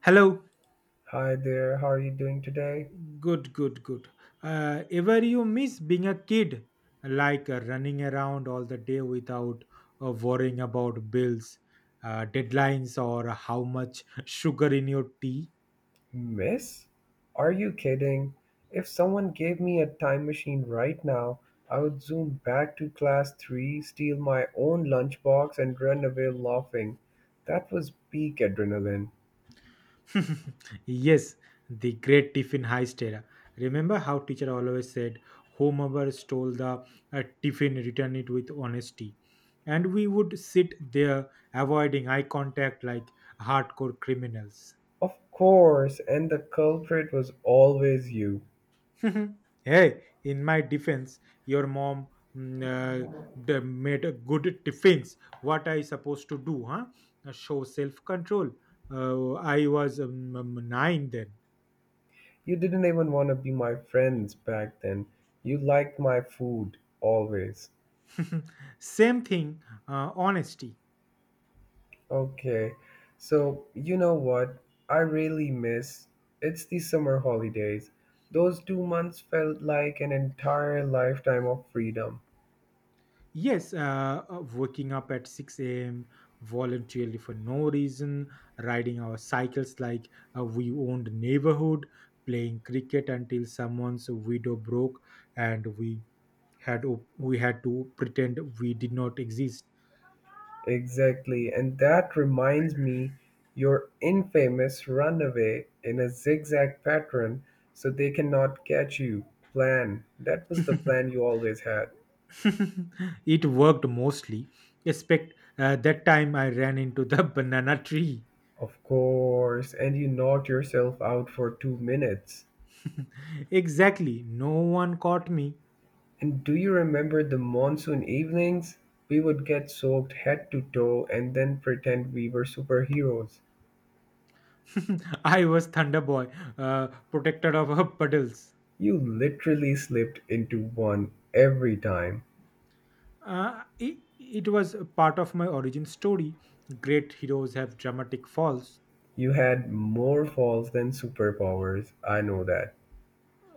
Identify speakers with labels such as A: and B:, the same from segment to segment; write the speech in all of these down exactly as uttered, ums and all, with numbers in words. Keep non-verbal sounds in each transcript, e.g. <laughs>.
A: Hello.
B: Hi there, how are you doing today?
A: Good, good, good. Uh, ever you miss being a kid, like uh, running around all the day without uh, worrying about bills, uh, deadlines, or how much <laughs> sugar in your tea?
B: Miss? Are you kidding? If someone gave me a time machine right now, I would zoom back to class three, steal my own lunchbox, and run away laughing. That was peak adrenaline.
A: <laughs> Yes, the great tiffin heist era. Remember how teacher always said, whomever stole the uh, tiffin, return it with honesty. And we would sit there avoiding eye contact like hardcore criminals.
B: Of course, and the culprit was always you.
A: <laughs> Hey, in my defense, your mom mm, uh, the made a good tiffins. What I supposed to do, huh? Uh, Show self control. Uh, I was um, um, nine then.
B: You didn't even want to be my friends back then. You liked my food, always.
A: Same thing, uh, honesty.
B: Okay. So, you know what I really miss? It's the summer holidays. Those two months felt like an entire lifetime of freedom.
A: Yes, uh, uh, waking up at six a m voluntarily for no reason, riding our cycles like uh, we owned neighborhood, playing cricket until someone's window broke and we had op- we had to pretend we did not exist.
B: Exactly. And that reminds me your infamous runaway in a zigzag pattern so they cannot catch you. Plan. That was the plan you always had.
A: <laughs> It worked mostly. Except uh, that time I ran into the <laughs> banana tree.
B: Of course. And you knocked yourself out for two minutes.
A: Exactly, no one caught me.
B: And do you remember the monsoon evenings? We would get soaked head to toe and then pretend we were superheroes.
A: <laughs> I was Thunder Boy, uh, protector of her puddles.
B: You literally slipped into one every time.
A: Uh, it, it was a part of my origin story. Great heroes have dramatic falls.
B: You had more falls than superpowers, I know that.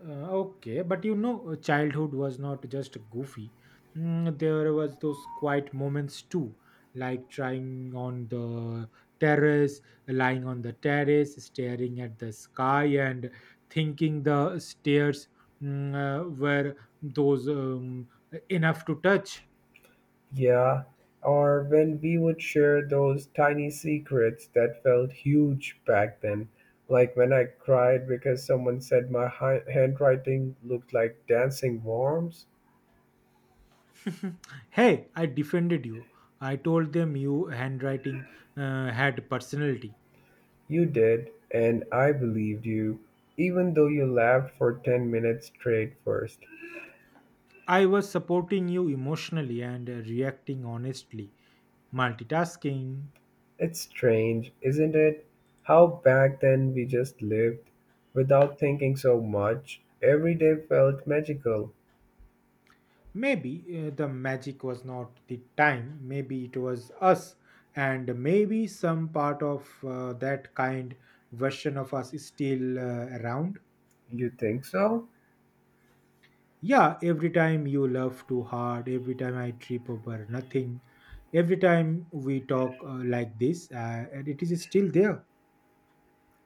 A: Uh, okay, but you know, childhood was not just goofy. Mm, there was those quiet moments too, like trying on the terrace, lying on the terrace, staring at the sky, and thinking the stairs mm, uh, were those um, enough to touch.
B: Yeah, or when we would share those tiny secrets that felt huge back then, like when I cried because someone said my hi- handwriting looked like dancing worms.
A: Hey, I defended you. I told them your handwriting uh, had personality.
B: You did, and I believed you, even though you laughed for ten minutes straight first.
A: I was supporting you emotionally and uh, reacting honestly. Multitasking.
B: It's strange, isn't it, how back then we just lived without thinking so much? Every day felt magical.
A: Maybe uh, the magic was not the time, maybe it was us, and maybe some part of uh, that kind version of us is still uh, around.
B: You think so?
A: Yeah, every time you laugh too hard, every time I trip over nothing, every time we talk uh, like this, uh, and it is still there.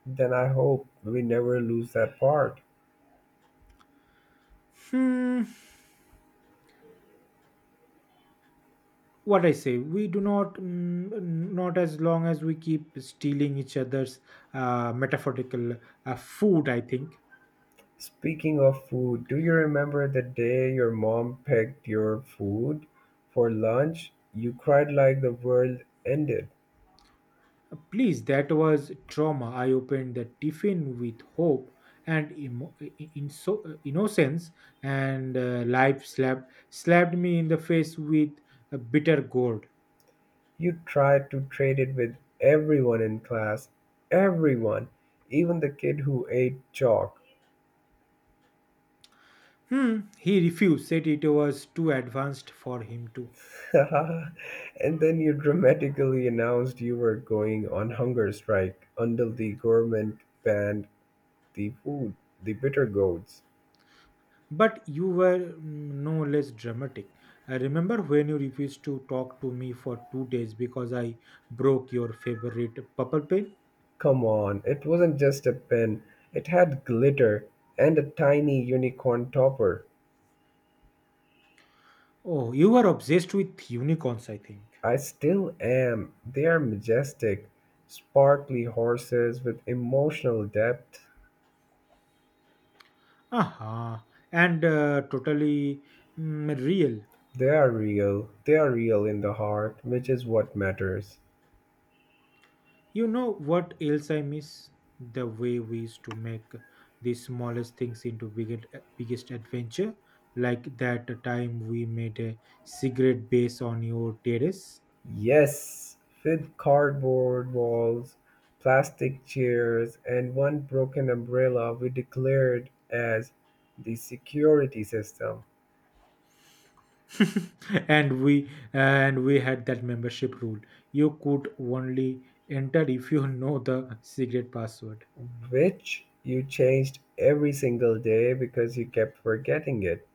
B: Then I hope we never lose that part.
A: Hmm. What I say, we do not, mm, not as long as we keep stealing each other's uh, metaphorical uh, food, I think.
B: Speaking of food, do you remember the day your mom packed your food for lunch? You cried like the world ended.
A: Please, that was trauma. I opened the tiffin with hope and emo- in so, innocence, and uh, life slapped, slapped me in the face with a bitter gourd.
B: You tried to trade it with everyone in class, everyone, even the kid who ate chalk.
A: Hmm, he refused, said it was too advanced for him to.
B: <laughs> And then you dramatically announced you were going on hunger strike until the government banned the food, the bitter gourds.
A: But you were mm, no less dramatic. I remember when you refused to talk to me for two days because I broke your favorite purple pen.
B: Come on, it wasn't just a pen, it had glitter and a tiny unicorn topper.
A: Oh, you were obsessed with unicorns, I think.
B: I still am. They are majestic, sparkly horses with emotional depth.
A: Aha, and uh, totally mm, real.
B: They are real, they are real in the heart, which is what matters.
A: You know what else I miss? The way we used to make the smallest things into biggest, uh, biggest adventure, like that time we made a cigarette base on your terrace.
B: Yes, with cardboard walls, plastic chairs, and one broken umbrella we declared as the security system,
A: <laughs> and we and we had that membership rule. You could only enter if you <laughs> know the secret password.
B: which you changed every single day because you kept forgetting it.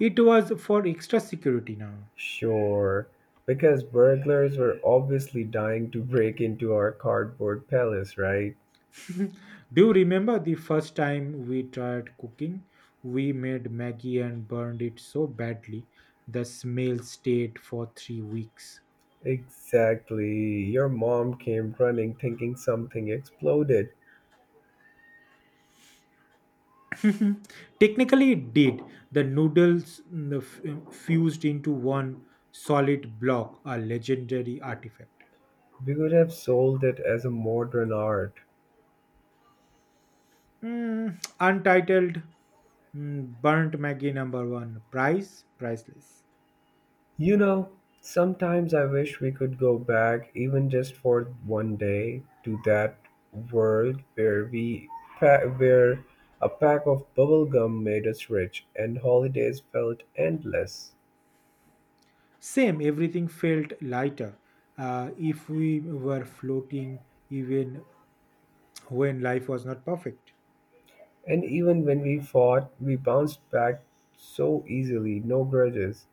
A: It was for extra security now.
B: Sure, because burglars were obviously dying to break into our cardboard palace, right?
A: Do you remember the first time we tried cooking? We made Maggie and burned it so badly, the smell stayed for three weeks.
B: Exactly. Your mom came running thinking something exploded.
A: Mhm. Technically, it did. The noodles mm, f- mm, fused into one solid block, a legendary artifact.
B: We could have sold it as a modern art.
A: Mm, untitled mm, Burnt Maggie number one. Price? Priceless.
B: You know, sometimes I wish we could go back, even just for one day, to that world where we pa- where a pack of bubblegum made us rich and holidays felt endless.
A: Same, everything felt lighter. Uh, if we were floating, even when life was not perfect.
B: And even when we fought, we bounced back so easily, no grudges.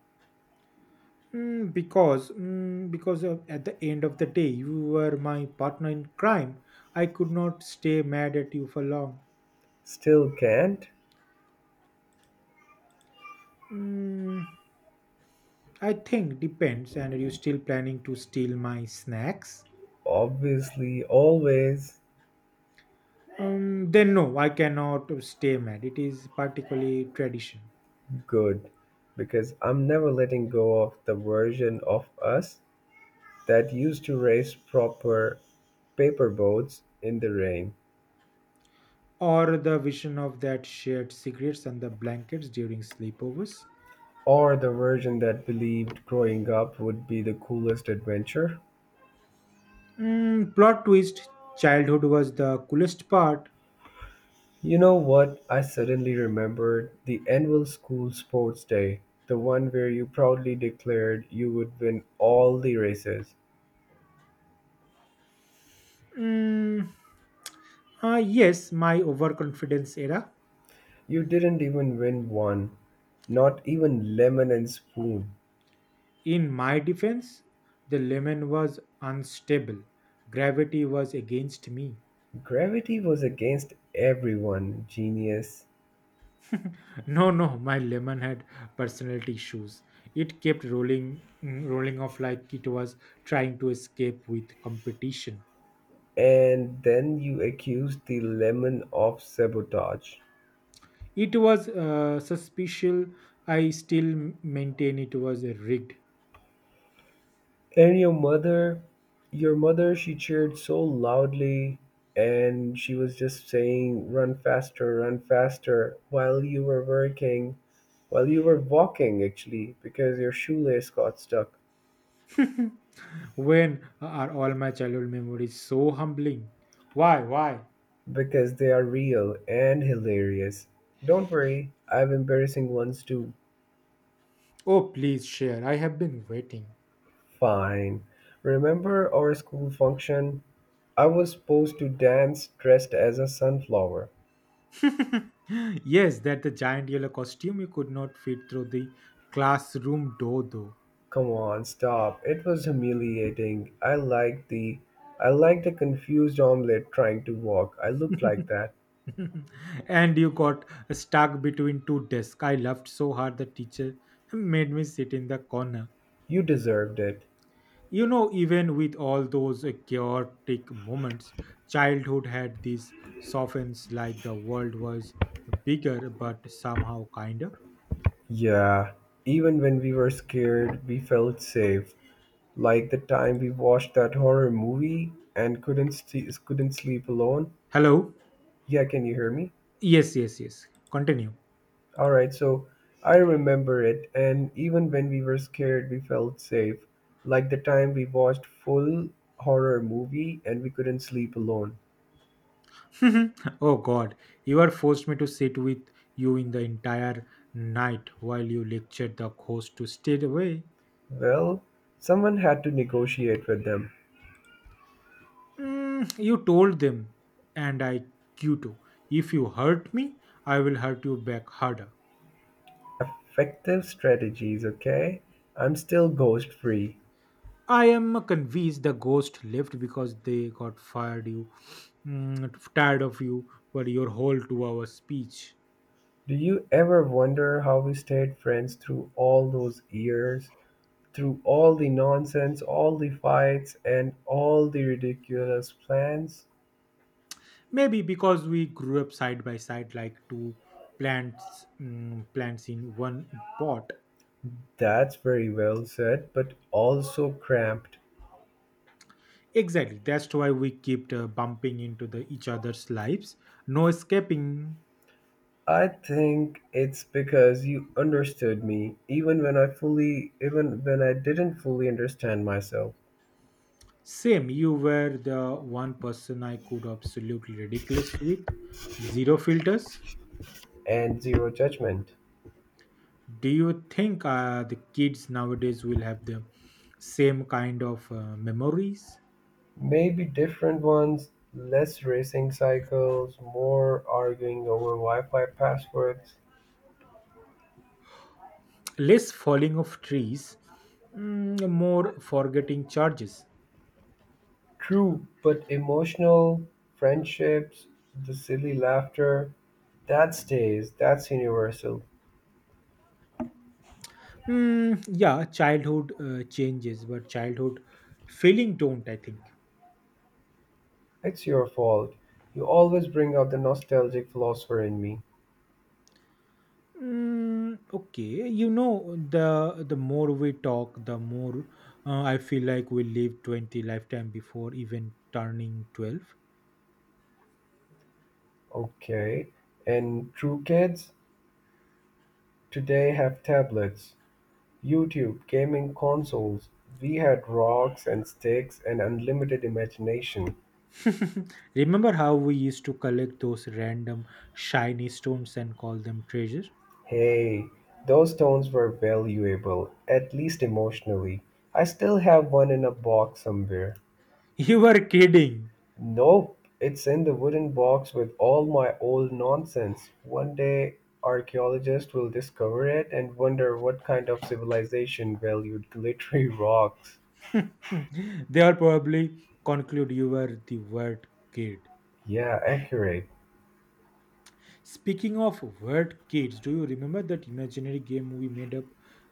A: Mm, because mm, because of, at the end of the day you were my partner in crime. I could not stay mad at you for long.
B: Still can't?
A: mm, I think. Depends. And are you still planning to steal my snacks?
B: Obviously always.
A: Um, then no, I cannot stay mad. It is particularly tradition.
B: Good, because I'm never letting go of the version of us that used to race proper paper boats in the rain,
A: Or the vision of that shared cigarettes and the blankets during sleepovers.
B: or the version that believed growing up would be the coolest adventure.
A: Mm, plot twist, childhood was the coolest part.
B: You know what? I suddenly remembered the annual school sports day, the one where you proudly declared you would win all the races.
A: Mm, Uh, yes, my overconfidence era.
B: You didn't even win one, not even lemon and spoon.
A: In my defense, the lemon was unstable. Gravity was against me.
B: Gravity was against everyone, genius.
A: No, no, my lemon had personality issues. It kept rolling, mm, rolling off like it was trying to escape with competition.
B: And then you accused the lemon of sabotage.
A: It was uh, suspicious. I still maintain it was rigged.
B: And your mother, your mother, she cheered so loudly and she was just saying, run faster, run faster, while you were working, while you were walking actually, because your shoelace got stuck.
A: When uh, are all my childhood memories so humbling? Why, why?
B: Because they are real and hilarious. Don't worry, I have embarrassing ones too.
A: Oh, please share. I have been waiting.
B: Fine. Remember our school function? I was supposed to dance dressed as a sunflower.
A: <laughs> Yes, that the giant yellow costume you could not fit through the classroom door though.
B: Come on, stop. It was humiliating. I liked the I liked the confused omelet trying to walk. I looked like that.
A: <laughs> And you got stuck between two desks. I laughed so hard the teacher made me sit in the corner.
B: You deserved it.
A: You know, even with all those uh, chaotic moments, childhood had these softens like the world was bigger but somehow kinder.
B: Yeah. Even when we were scared, we felt safe. Like the time we watched that horror movie and couldn't st- couldn't sleep alone.
A: Hello?
B: Yeah, can you hear me?
A: Yes, yes, yes. Continue.
B: All right, so I remember it, and even when we were scared, we felt safe. Like the time we watched full horror movie and we couldn't sleep alone.
A: <laughs> Oh God, you are forced me to sit with you in the entire night while you lectured the ghost to stay away.
B: Well, someone had to negotiate with them.
A: Mm, you told them, and I you too. If you hurt me, I will hurt you back harder.
B: Effective strategies, okay? I'm still ghost free.
A: I am convinced the ghost left because they got fired. You mm, tired of you for your whole two-hour speech.
B: Do you ever wonder how we stayed friends through all those years, through all the nonsense, all the fights, and all the ridiculous plans?
A: Maybe because we grew up side by side like two plants, mm, plants in one pot.
B: That's very well said, but also cramped.
A: Exactly. That's why we kept uh, bumping into the each other's lives. No escaping.
B: I think it's because you understood me even when I fully even when I didn't fully understand myself
A: Same. You were the one person I could absolutely ridiculous with. Zero filters.
B: and zero judgment.
A: Do you think uh, the kids nowadays will have the same kind of uh, memories?
B: Maybe different ones, less racing cycles, more arguing over Wi-Fi passwords.
A: Less falling of trees, mm, more forgetting charges.
B: True, but emotional friendships, the silly laughter, that stays, that's universal.
A: Mm, yeah, childhood uh, changes, but childhood feeling don't. I think.
B: It's your fault. You always bring out the nostalgic philosopher in me.
A: Mm, okay, you know the the more we talk, the more uh, I feel like we live twenty lifetime before even turning twelve.
B: Okay, and true kids today have tablets, YouTube, gaming consoles. We had rocks and sticks and unlimited imagination.
A: Remember how we used to collect those random shiny stones and call them treasure? <laughs>
B: Hey, those stones were valuable, at least emotionally. I still have one in a box somewhere.
A: You were kidding.
B: Nope, it's in the wooden box with all my old nonsense. One day archaeologists will discover it and wonder what kind of civilization valued glittery rocks.
A: <laughs> They'll probably conclude you were the word kid.
B: Yeah, accurate.
A: Speaking of word kids, do you remember that imaginary game we made up,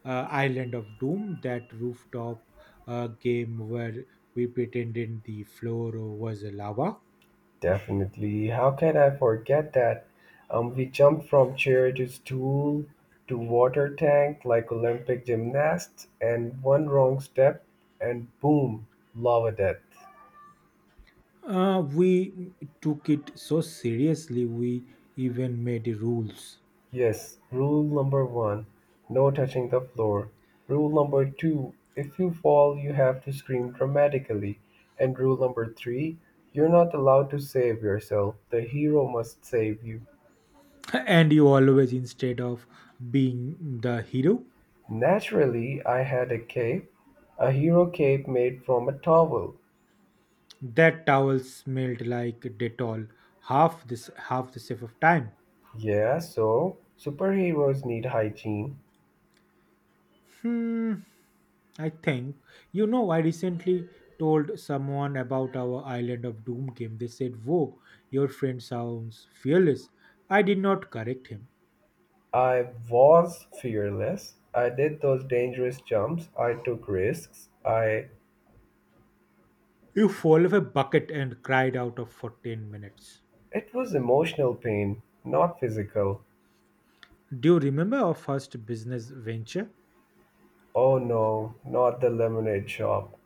A: uh, Island of Doom, that rooftop uh, game where we pretended the floor was lava?
B: Definitely. How can I forget that? Um, we jumped from chair to stool to water tank like Olympic gymnasts, and one wrong step, and boom, lava death.
A: Uh, we took it so seriously, we even made rules.
B: Yes, rule number one, no touching the floor. Rule number two, if you fall, you have to scream dramatically. And rule number three, you're not allowed to save yourself. The hero must save you.
A: And you always, instead of being the hero,
B: Naturally, I had a cape, a hero cape made from a towel.
A: that towel smelled like Dettol half this half the safe of time.
B: Yeah, so superheroes need hygiene.
A: Hmm. I think, you know, I recently told someone about our Island of Doom game. They said, Whoa, your friend sounds fearless. I did not correct him.
B: I was fearless. I did those dangerous jumps. I took risks. I
A: You full of a bucket and cried out of for ten minutes.
B: It was emotional pain, not physical.
A: Do you remember our first business venture?
B: Oh no, not the lemonade shop.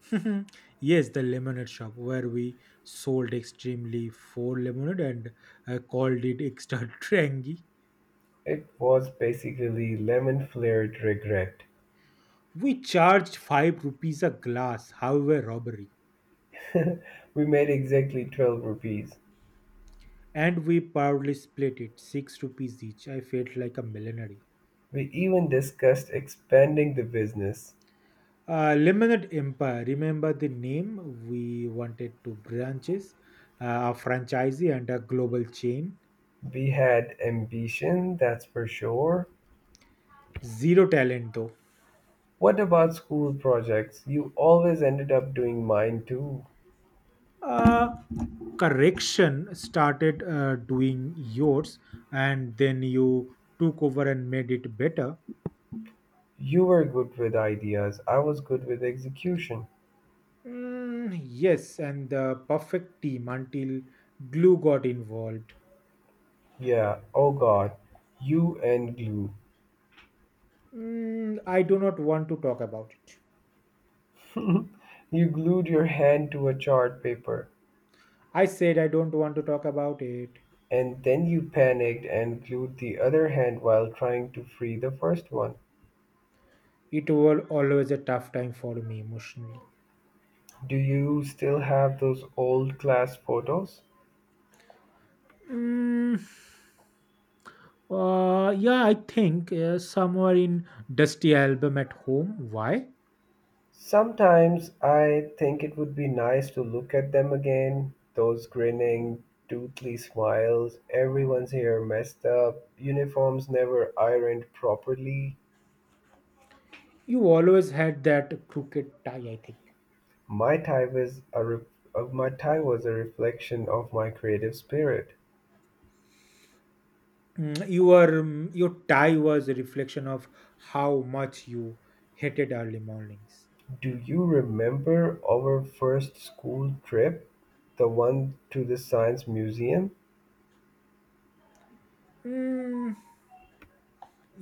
A: <laughs> Yes, the lemonade shop where we sold extremely four lemonade and uh, called it extra <laughs> trangy.
B: It was basically lemon flavored regret.
A: We charged five rupees a glass, however, robbery.
B: <laughs> We made exactly twelve rupees.
A: and we proudly split it, six rupees each. I felt like a millionaire.
B: We even discussed expanding the business.
A: Uh, Lemonade Empire, remember the name? We wanted two branches, uh, a franchisee and a global chain.
B: We had ambition, that's for sure.
A: Zero talent though.
B: What about school projects? You always ended up doing mine too.
A: Uh, correction started uh, doing yours, and then you took over and made it better.
B: You were good with ideas, I was good with execution.
A: Mm, yes, and the perfect team until glue got involved.
B: Yeah, oh god, you and glue.
A: Mm, I do not want to talk about it.
B: <laughs> You glued your hand to a chart paper,
A: I said I don't want to talk about it.
B: and then you panicked and glued the other hand while trying to free the first one.
A: It was always a tough time for me emotionally.
B: Do you still have those old class photos?
A: Mm, uh, yeah, I think uh, somewhere in dusty album at home. Why?
B: Sometimes I think it would be nice to look at them again. Those grinning, toothy smiles, everyone's hair messed up, uniforms never ironed properly.
A: You always had that crooked tie. I think.
B: My tie was a re- uh, my tie was a reflection of my creative spirit.
A: Mm, your um, your tie was a reflection of how much you hated early mornings.
B: Do you remember our first school trip, the one to the Science Museum?
A: Mm,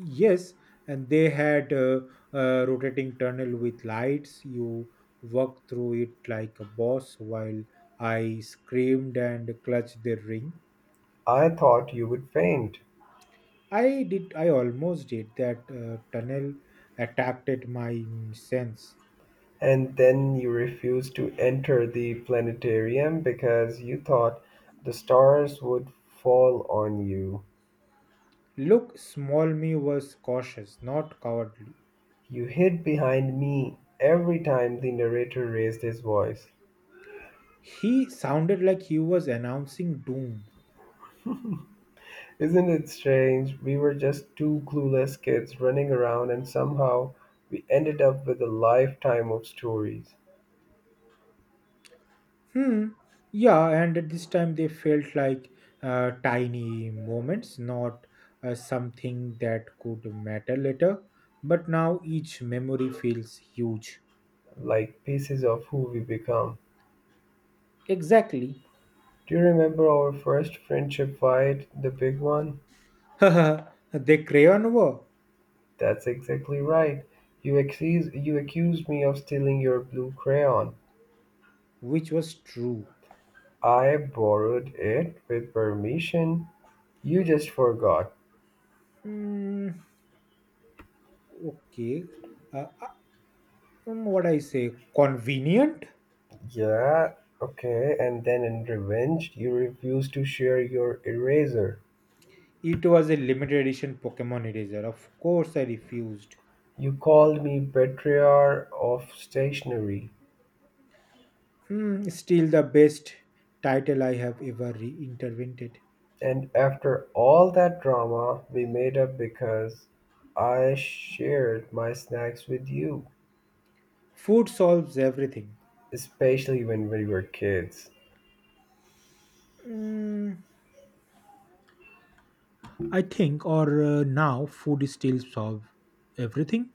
A: Yes, and they had a, a rotating tunnel with lights. You walked through it like a boss while I screamed and clutched the ring.
B: I thought you would faint.
A: I did, I almost did that uh, tunnel attacked at my sense.
B: And then you refused to enter the planetarium because you thought the stars would fall on you.
A: Look, small me was cautious, not cowardly.
B: You hid behind me every time the narrator raised his voice.
A: He sounded like he was announcing doom.
B: Isn't it strange? We were just two clueless kids running around, and somehow we ended up with a lifetime of stories.
A: Hmm. Yeah, and at this time they felt like uh, tiny moments, not uh, something that could matter later. But now each memory feels huge.
B: Like pieces of who we become.
A: Exactly.
B: Do you remember our first friendship fight, the big one?
A: <laughs> The crayon war,
B: That's exactly right. You accused, you accused me of stealing your blue crayon.
A: which was true.
B: I borrowed it with permission. You just forgot.
A: Hmm. Okay. Uh, uh, um, what I say? Convenient?
B: Yeah, okay. And then in revenge, you refused to share your eraser.
A: It was a limited edition Pokemon eraser. Of course, I refused.
B: You called me betrayer of stationery.
A: Hmm, still the best title I have ever reintervented.
B: And after all that drama, we made up because I shared my snacks with you,
A: Food solves everything.
B: especially when we were kids.
A: Mm, I think, or uh, now, food still solve everything.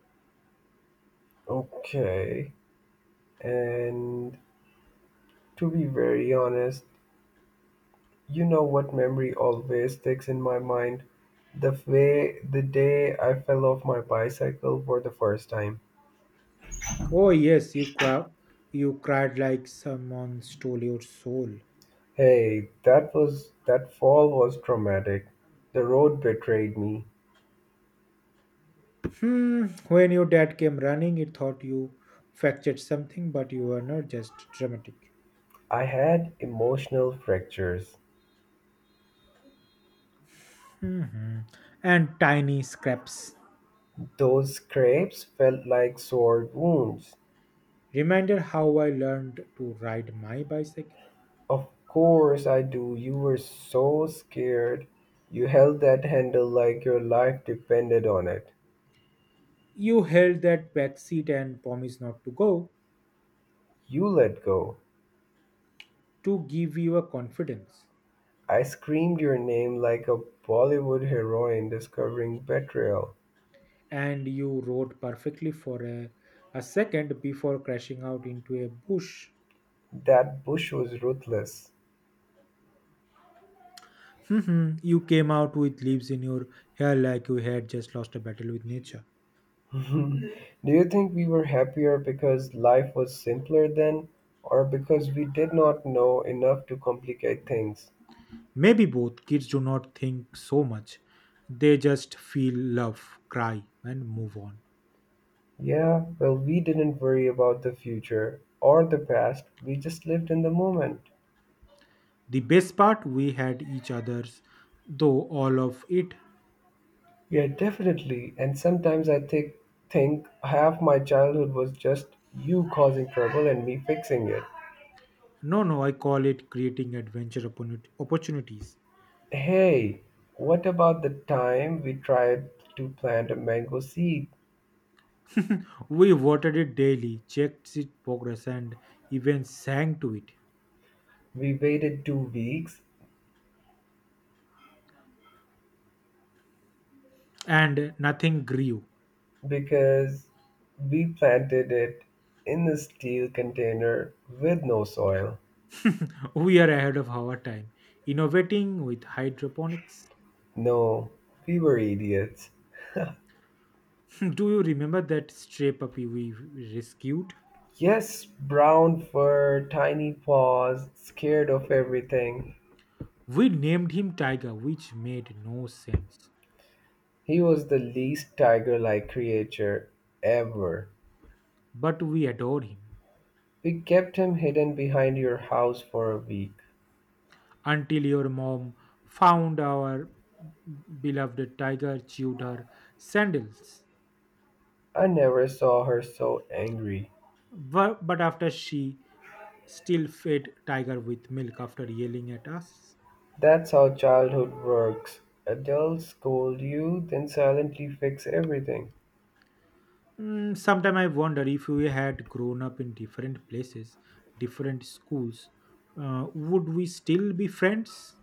B: Okay, and to be very honest, you know what memory always sticks in my mind? The way the day I fell off my bicycle for the first time.
A: Oh yes, you cry, you cried like someone stole your soul.
B: Hey, that was that fall was traumatic. The road betrayed me.
A: Hmm. When your dad came running, it thought you fractured something, but you were not just dramatic.
B: I had emotional fractures.
A: Mhm. And tiny scraps.
B: Those scrapes felt like sword wounds.
A: Reminder how I learned to ride my bicycle.
B: Of course I do. You were so scared. You held that handle like your life depended on it.
A: You held that back seat and promised not to go
B: You let go.
A: to give you a confidence.
B: I screamed your name like a Bollywood heroine discovering betrayal.
A: and you rode perfectly for a, a second before crashing out into a bush.
B: That bush was ruthless.
A: Mhm. You came out with leaves in your hair like you had just lost a battle with nature.
B: <laughs> Do you think we were happier because life was simpler then, or because we did not know enough to complicate things?
A: Maybe both kids do not think so much. They just feel love, cry, and move on.
B: Yeah, well, we didn't worry about the future or the past. We just lived in the moment.
A: The best part, we had each other's, though all of it.
B: Yeah, definitely. And sometimes I think think half my childhood was just you causing trouble and me fixing it.
A: No, no, I call it creating adventure opportuni- opportunities.
B: Hey, what about the time we tried to plant a mango seed?
A: We voted it daily, checked its progress, and even sang to it.
B: We waited two weeks
A: and nothing grew.
B: because we planted it in a steel container with no soil.
A: We are ahead of our time, innovating with hydroponics.
B: No, we were idiots. <laughs>
A: <laughs> Do you remember that stray puppy we rescued?
B: Yes, brown fur, tiny paws, scared of everything.
A: We named him Tiger, which made no sense,
B: He was the least tiger like creature ever.
A: but we adored him
B: We kept him hidden behind your house for a week.
A: until your mom found our beloved tiger chewed her sandals.
B: I never saw her so angry.
A: Bu- But after she still fed Tiger with milk after yelling at us.
B: That's how childhood works. Adults scold you, then silently fix everything.
A: Mm, Sometimes I wonder if we had grown up in different places, different schools, uh, would we still be friends?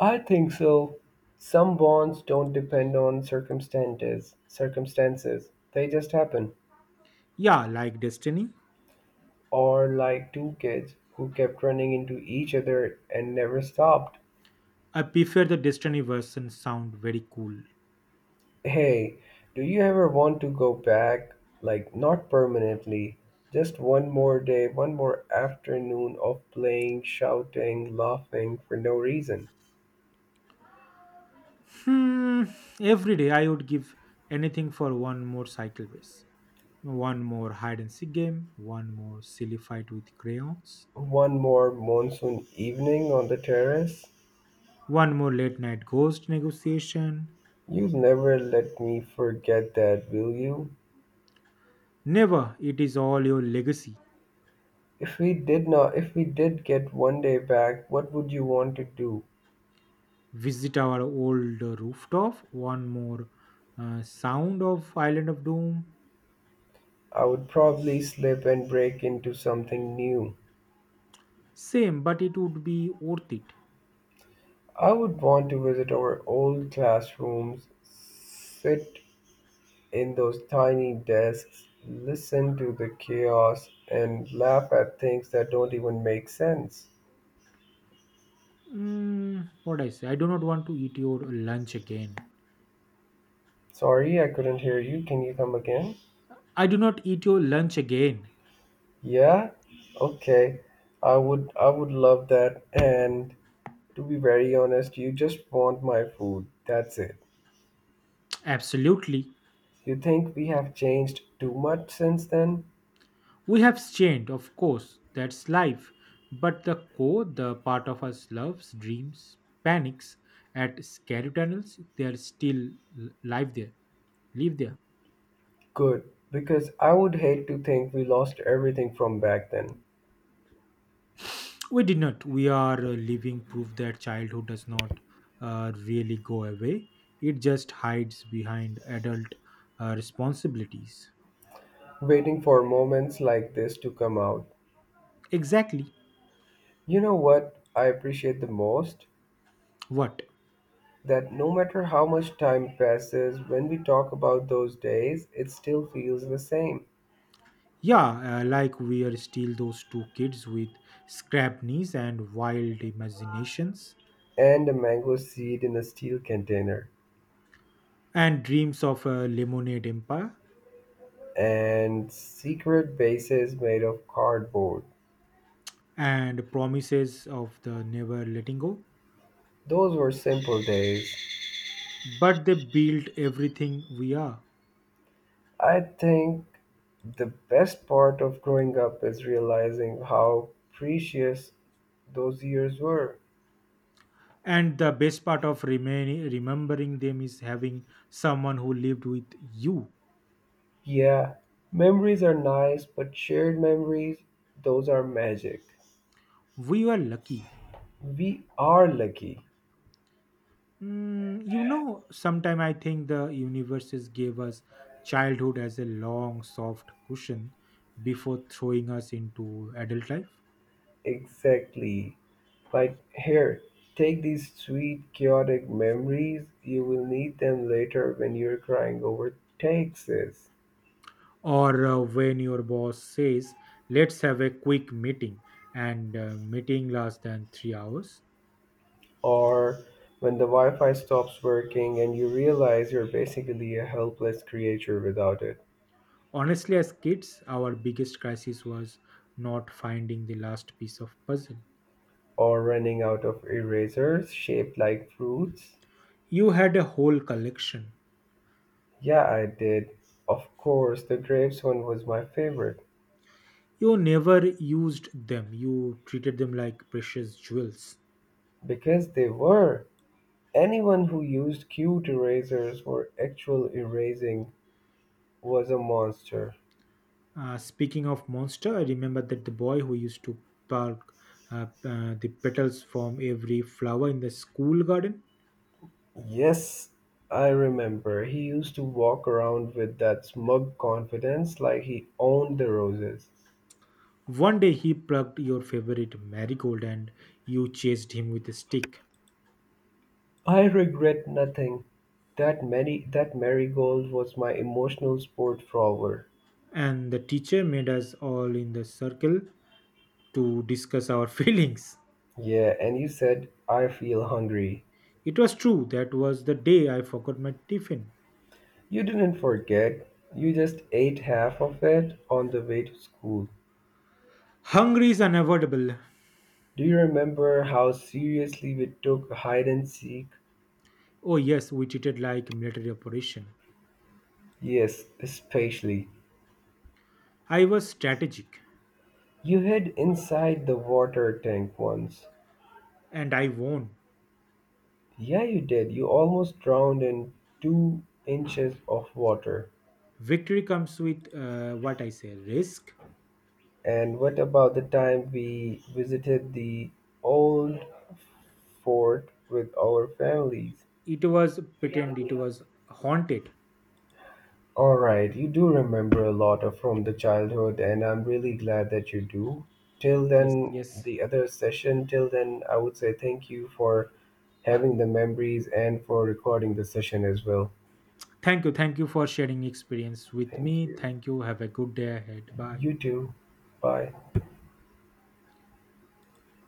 B: I think so. Some bonds don't depend on circumstances. Circumstances. They just happen.
A: Yeah, like Destiny.
B: Or like two kids who kept running into each other and never stopped.
A: I prefer the Destiny version sound very cool.
B: Hey, do you ever want to go back? Like, not permanently, just one more day, one more afternoon of playing, shouting, laughing for no reason.
A: Hmm, every day I would give anything for one more cycle race, one more hide and seek game, one more silly fight with crayons,
B: One more monsoon evening on the terrace?
A: one more late night ghost negotiation.
B: You'll never let me forget that, will you?
A: Never, it is all your legacy.
B: If we did not, if we did get one day back, what would you want to do?
A: visit our old uh, rooftop, one more uh, sound of Island of Doom.
B: I would probably slip and break into something new.
A: Same, but it would be worth it.
B: I would want to visit our old classrooms, sit in those tiny desks, listen to the chaos, and laugh at things that don't even make sense.
A: Mm, what I say, I do not want to eat your lunch again.
B: Sorry, I couldn't hear you. Can you come again?
A: I do not eat your lunch again.
B: Yeah? Okay. I would I would love that and to be very honest, you just want my food. That's it.
A: Absolutely.
B: You think we have changed too much since then?
A: We have changed, of course, that's life, but the core, the part of us, loves dreams, panics at scary tunnels. They are still l- live there live there
B: Good, because I would hate to think we lost everything from back then,
A: We did not. We are uh, living proof that childhood does not uh, really go away. It just hides behind adult uh, responsibilities.
B: waiting for moments like this to come out.
A: Exactly.
B: You know what I appreciate the most?
A: What?
B: That no matter how much time passes, when we talk about those days, it still feels the same.
A: Yeah, uh, like we are still those two kids with scrap knees and wild imaginations,
B: And a mango seed in a steel container,
A: and dreams of a lemonade empire,
B: and secret bases made of cardboard.
A: and promises of the never letting go.
B: Those were simple days.
A: But they build everything we are.
B: I think the best part of growing up is realizing how precious those years were.
A: and the best part of remaining remembering them is having someone who lived with you.
B: Yeah, memories are nice, but shared memories, those are magic.
A: We were lucky.
B: We are lucky.
A: Mm, you know sometime I think the universes gave us childhood as a long soft cushion before throwing us into adult life.
B: Exactly. Like, here, take these sweet, chaotic memories. You will need them later when you're crying over taxes.
A: Or uh, when your boss says, let's have a quick meeting, and uh, meeting lasts than three hours.
B: Or when the Wi Fi stops working and you realize you're basically a helpless creature without it,
A: Honestly, as kids our biggest crisis was not finding the last piece of puzzle.
B: or running out of erasers shaped like fruits.
A: You had a whole collection.
B: Yeah, I did. Of course, the grapes one was my favorite
A: You never used them. You treated them like precious jewels.
B: because they were. Anyone who used cute erasers for actual erasing was a monster.
A: Uh, speaking of monster, I remember that the boy who used to pluck uh, uh, the petals from every flower in the school garden.
B: Yes, I remember. He used to walk around with that smug confidence like he owned the roses.
A: One day he plucked your favorite marigold and you chased him with a stick.
B: I regret nothing. That many that marigold was my emotional sport for hour.
A: And the teacher made us all in the circle to discuss our <laughs> feelings.
B: Yeah, and you said I feel hungry.
A: It was true, that was the day I forgot my tiffin.
B: You didn't forget. You just ate half of it on the way to school.
A: Hungry is unavoidable.
B: Do you remember how seriously we took hide and seek?
A: Oh, yes, we treated like military operation.
B: Yes, especially.
A: I was strategic
B: You hid inside the water tank once.
A: and I won.
B: Yeah, you did. You almost drowned in two inches of water.
A: Victory comes with uh, what I say risk.
B: And what about the time we visited the old fort with our families?
A: It was pretend it was haunted.
B: All right, you do remember a lot of from the childhood, and I'm really glad that you do. Till
A: Yes,
B: then,
A: yes.
B: the other session, till then, I would say thank you for having the memories and for recording the session as well.
A: Thank you. Thank you for sharing experience with
B: Thank
A: me.
B: you.
A: Thank you. Have a good day ahead. Bye.
B: You too. Bye.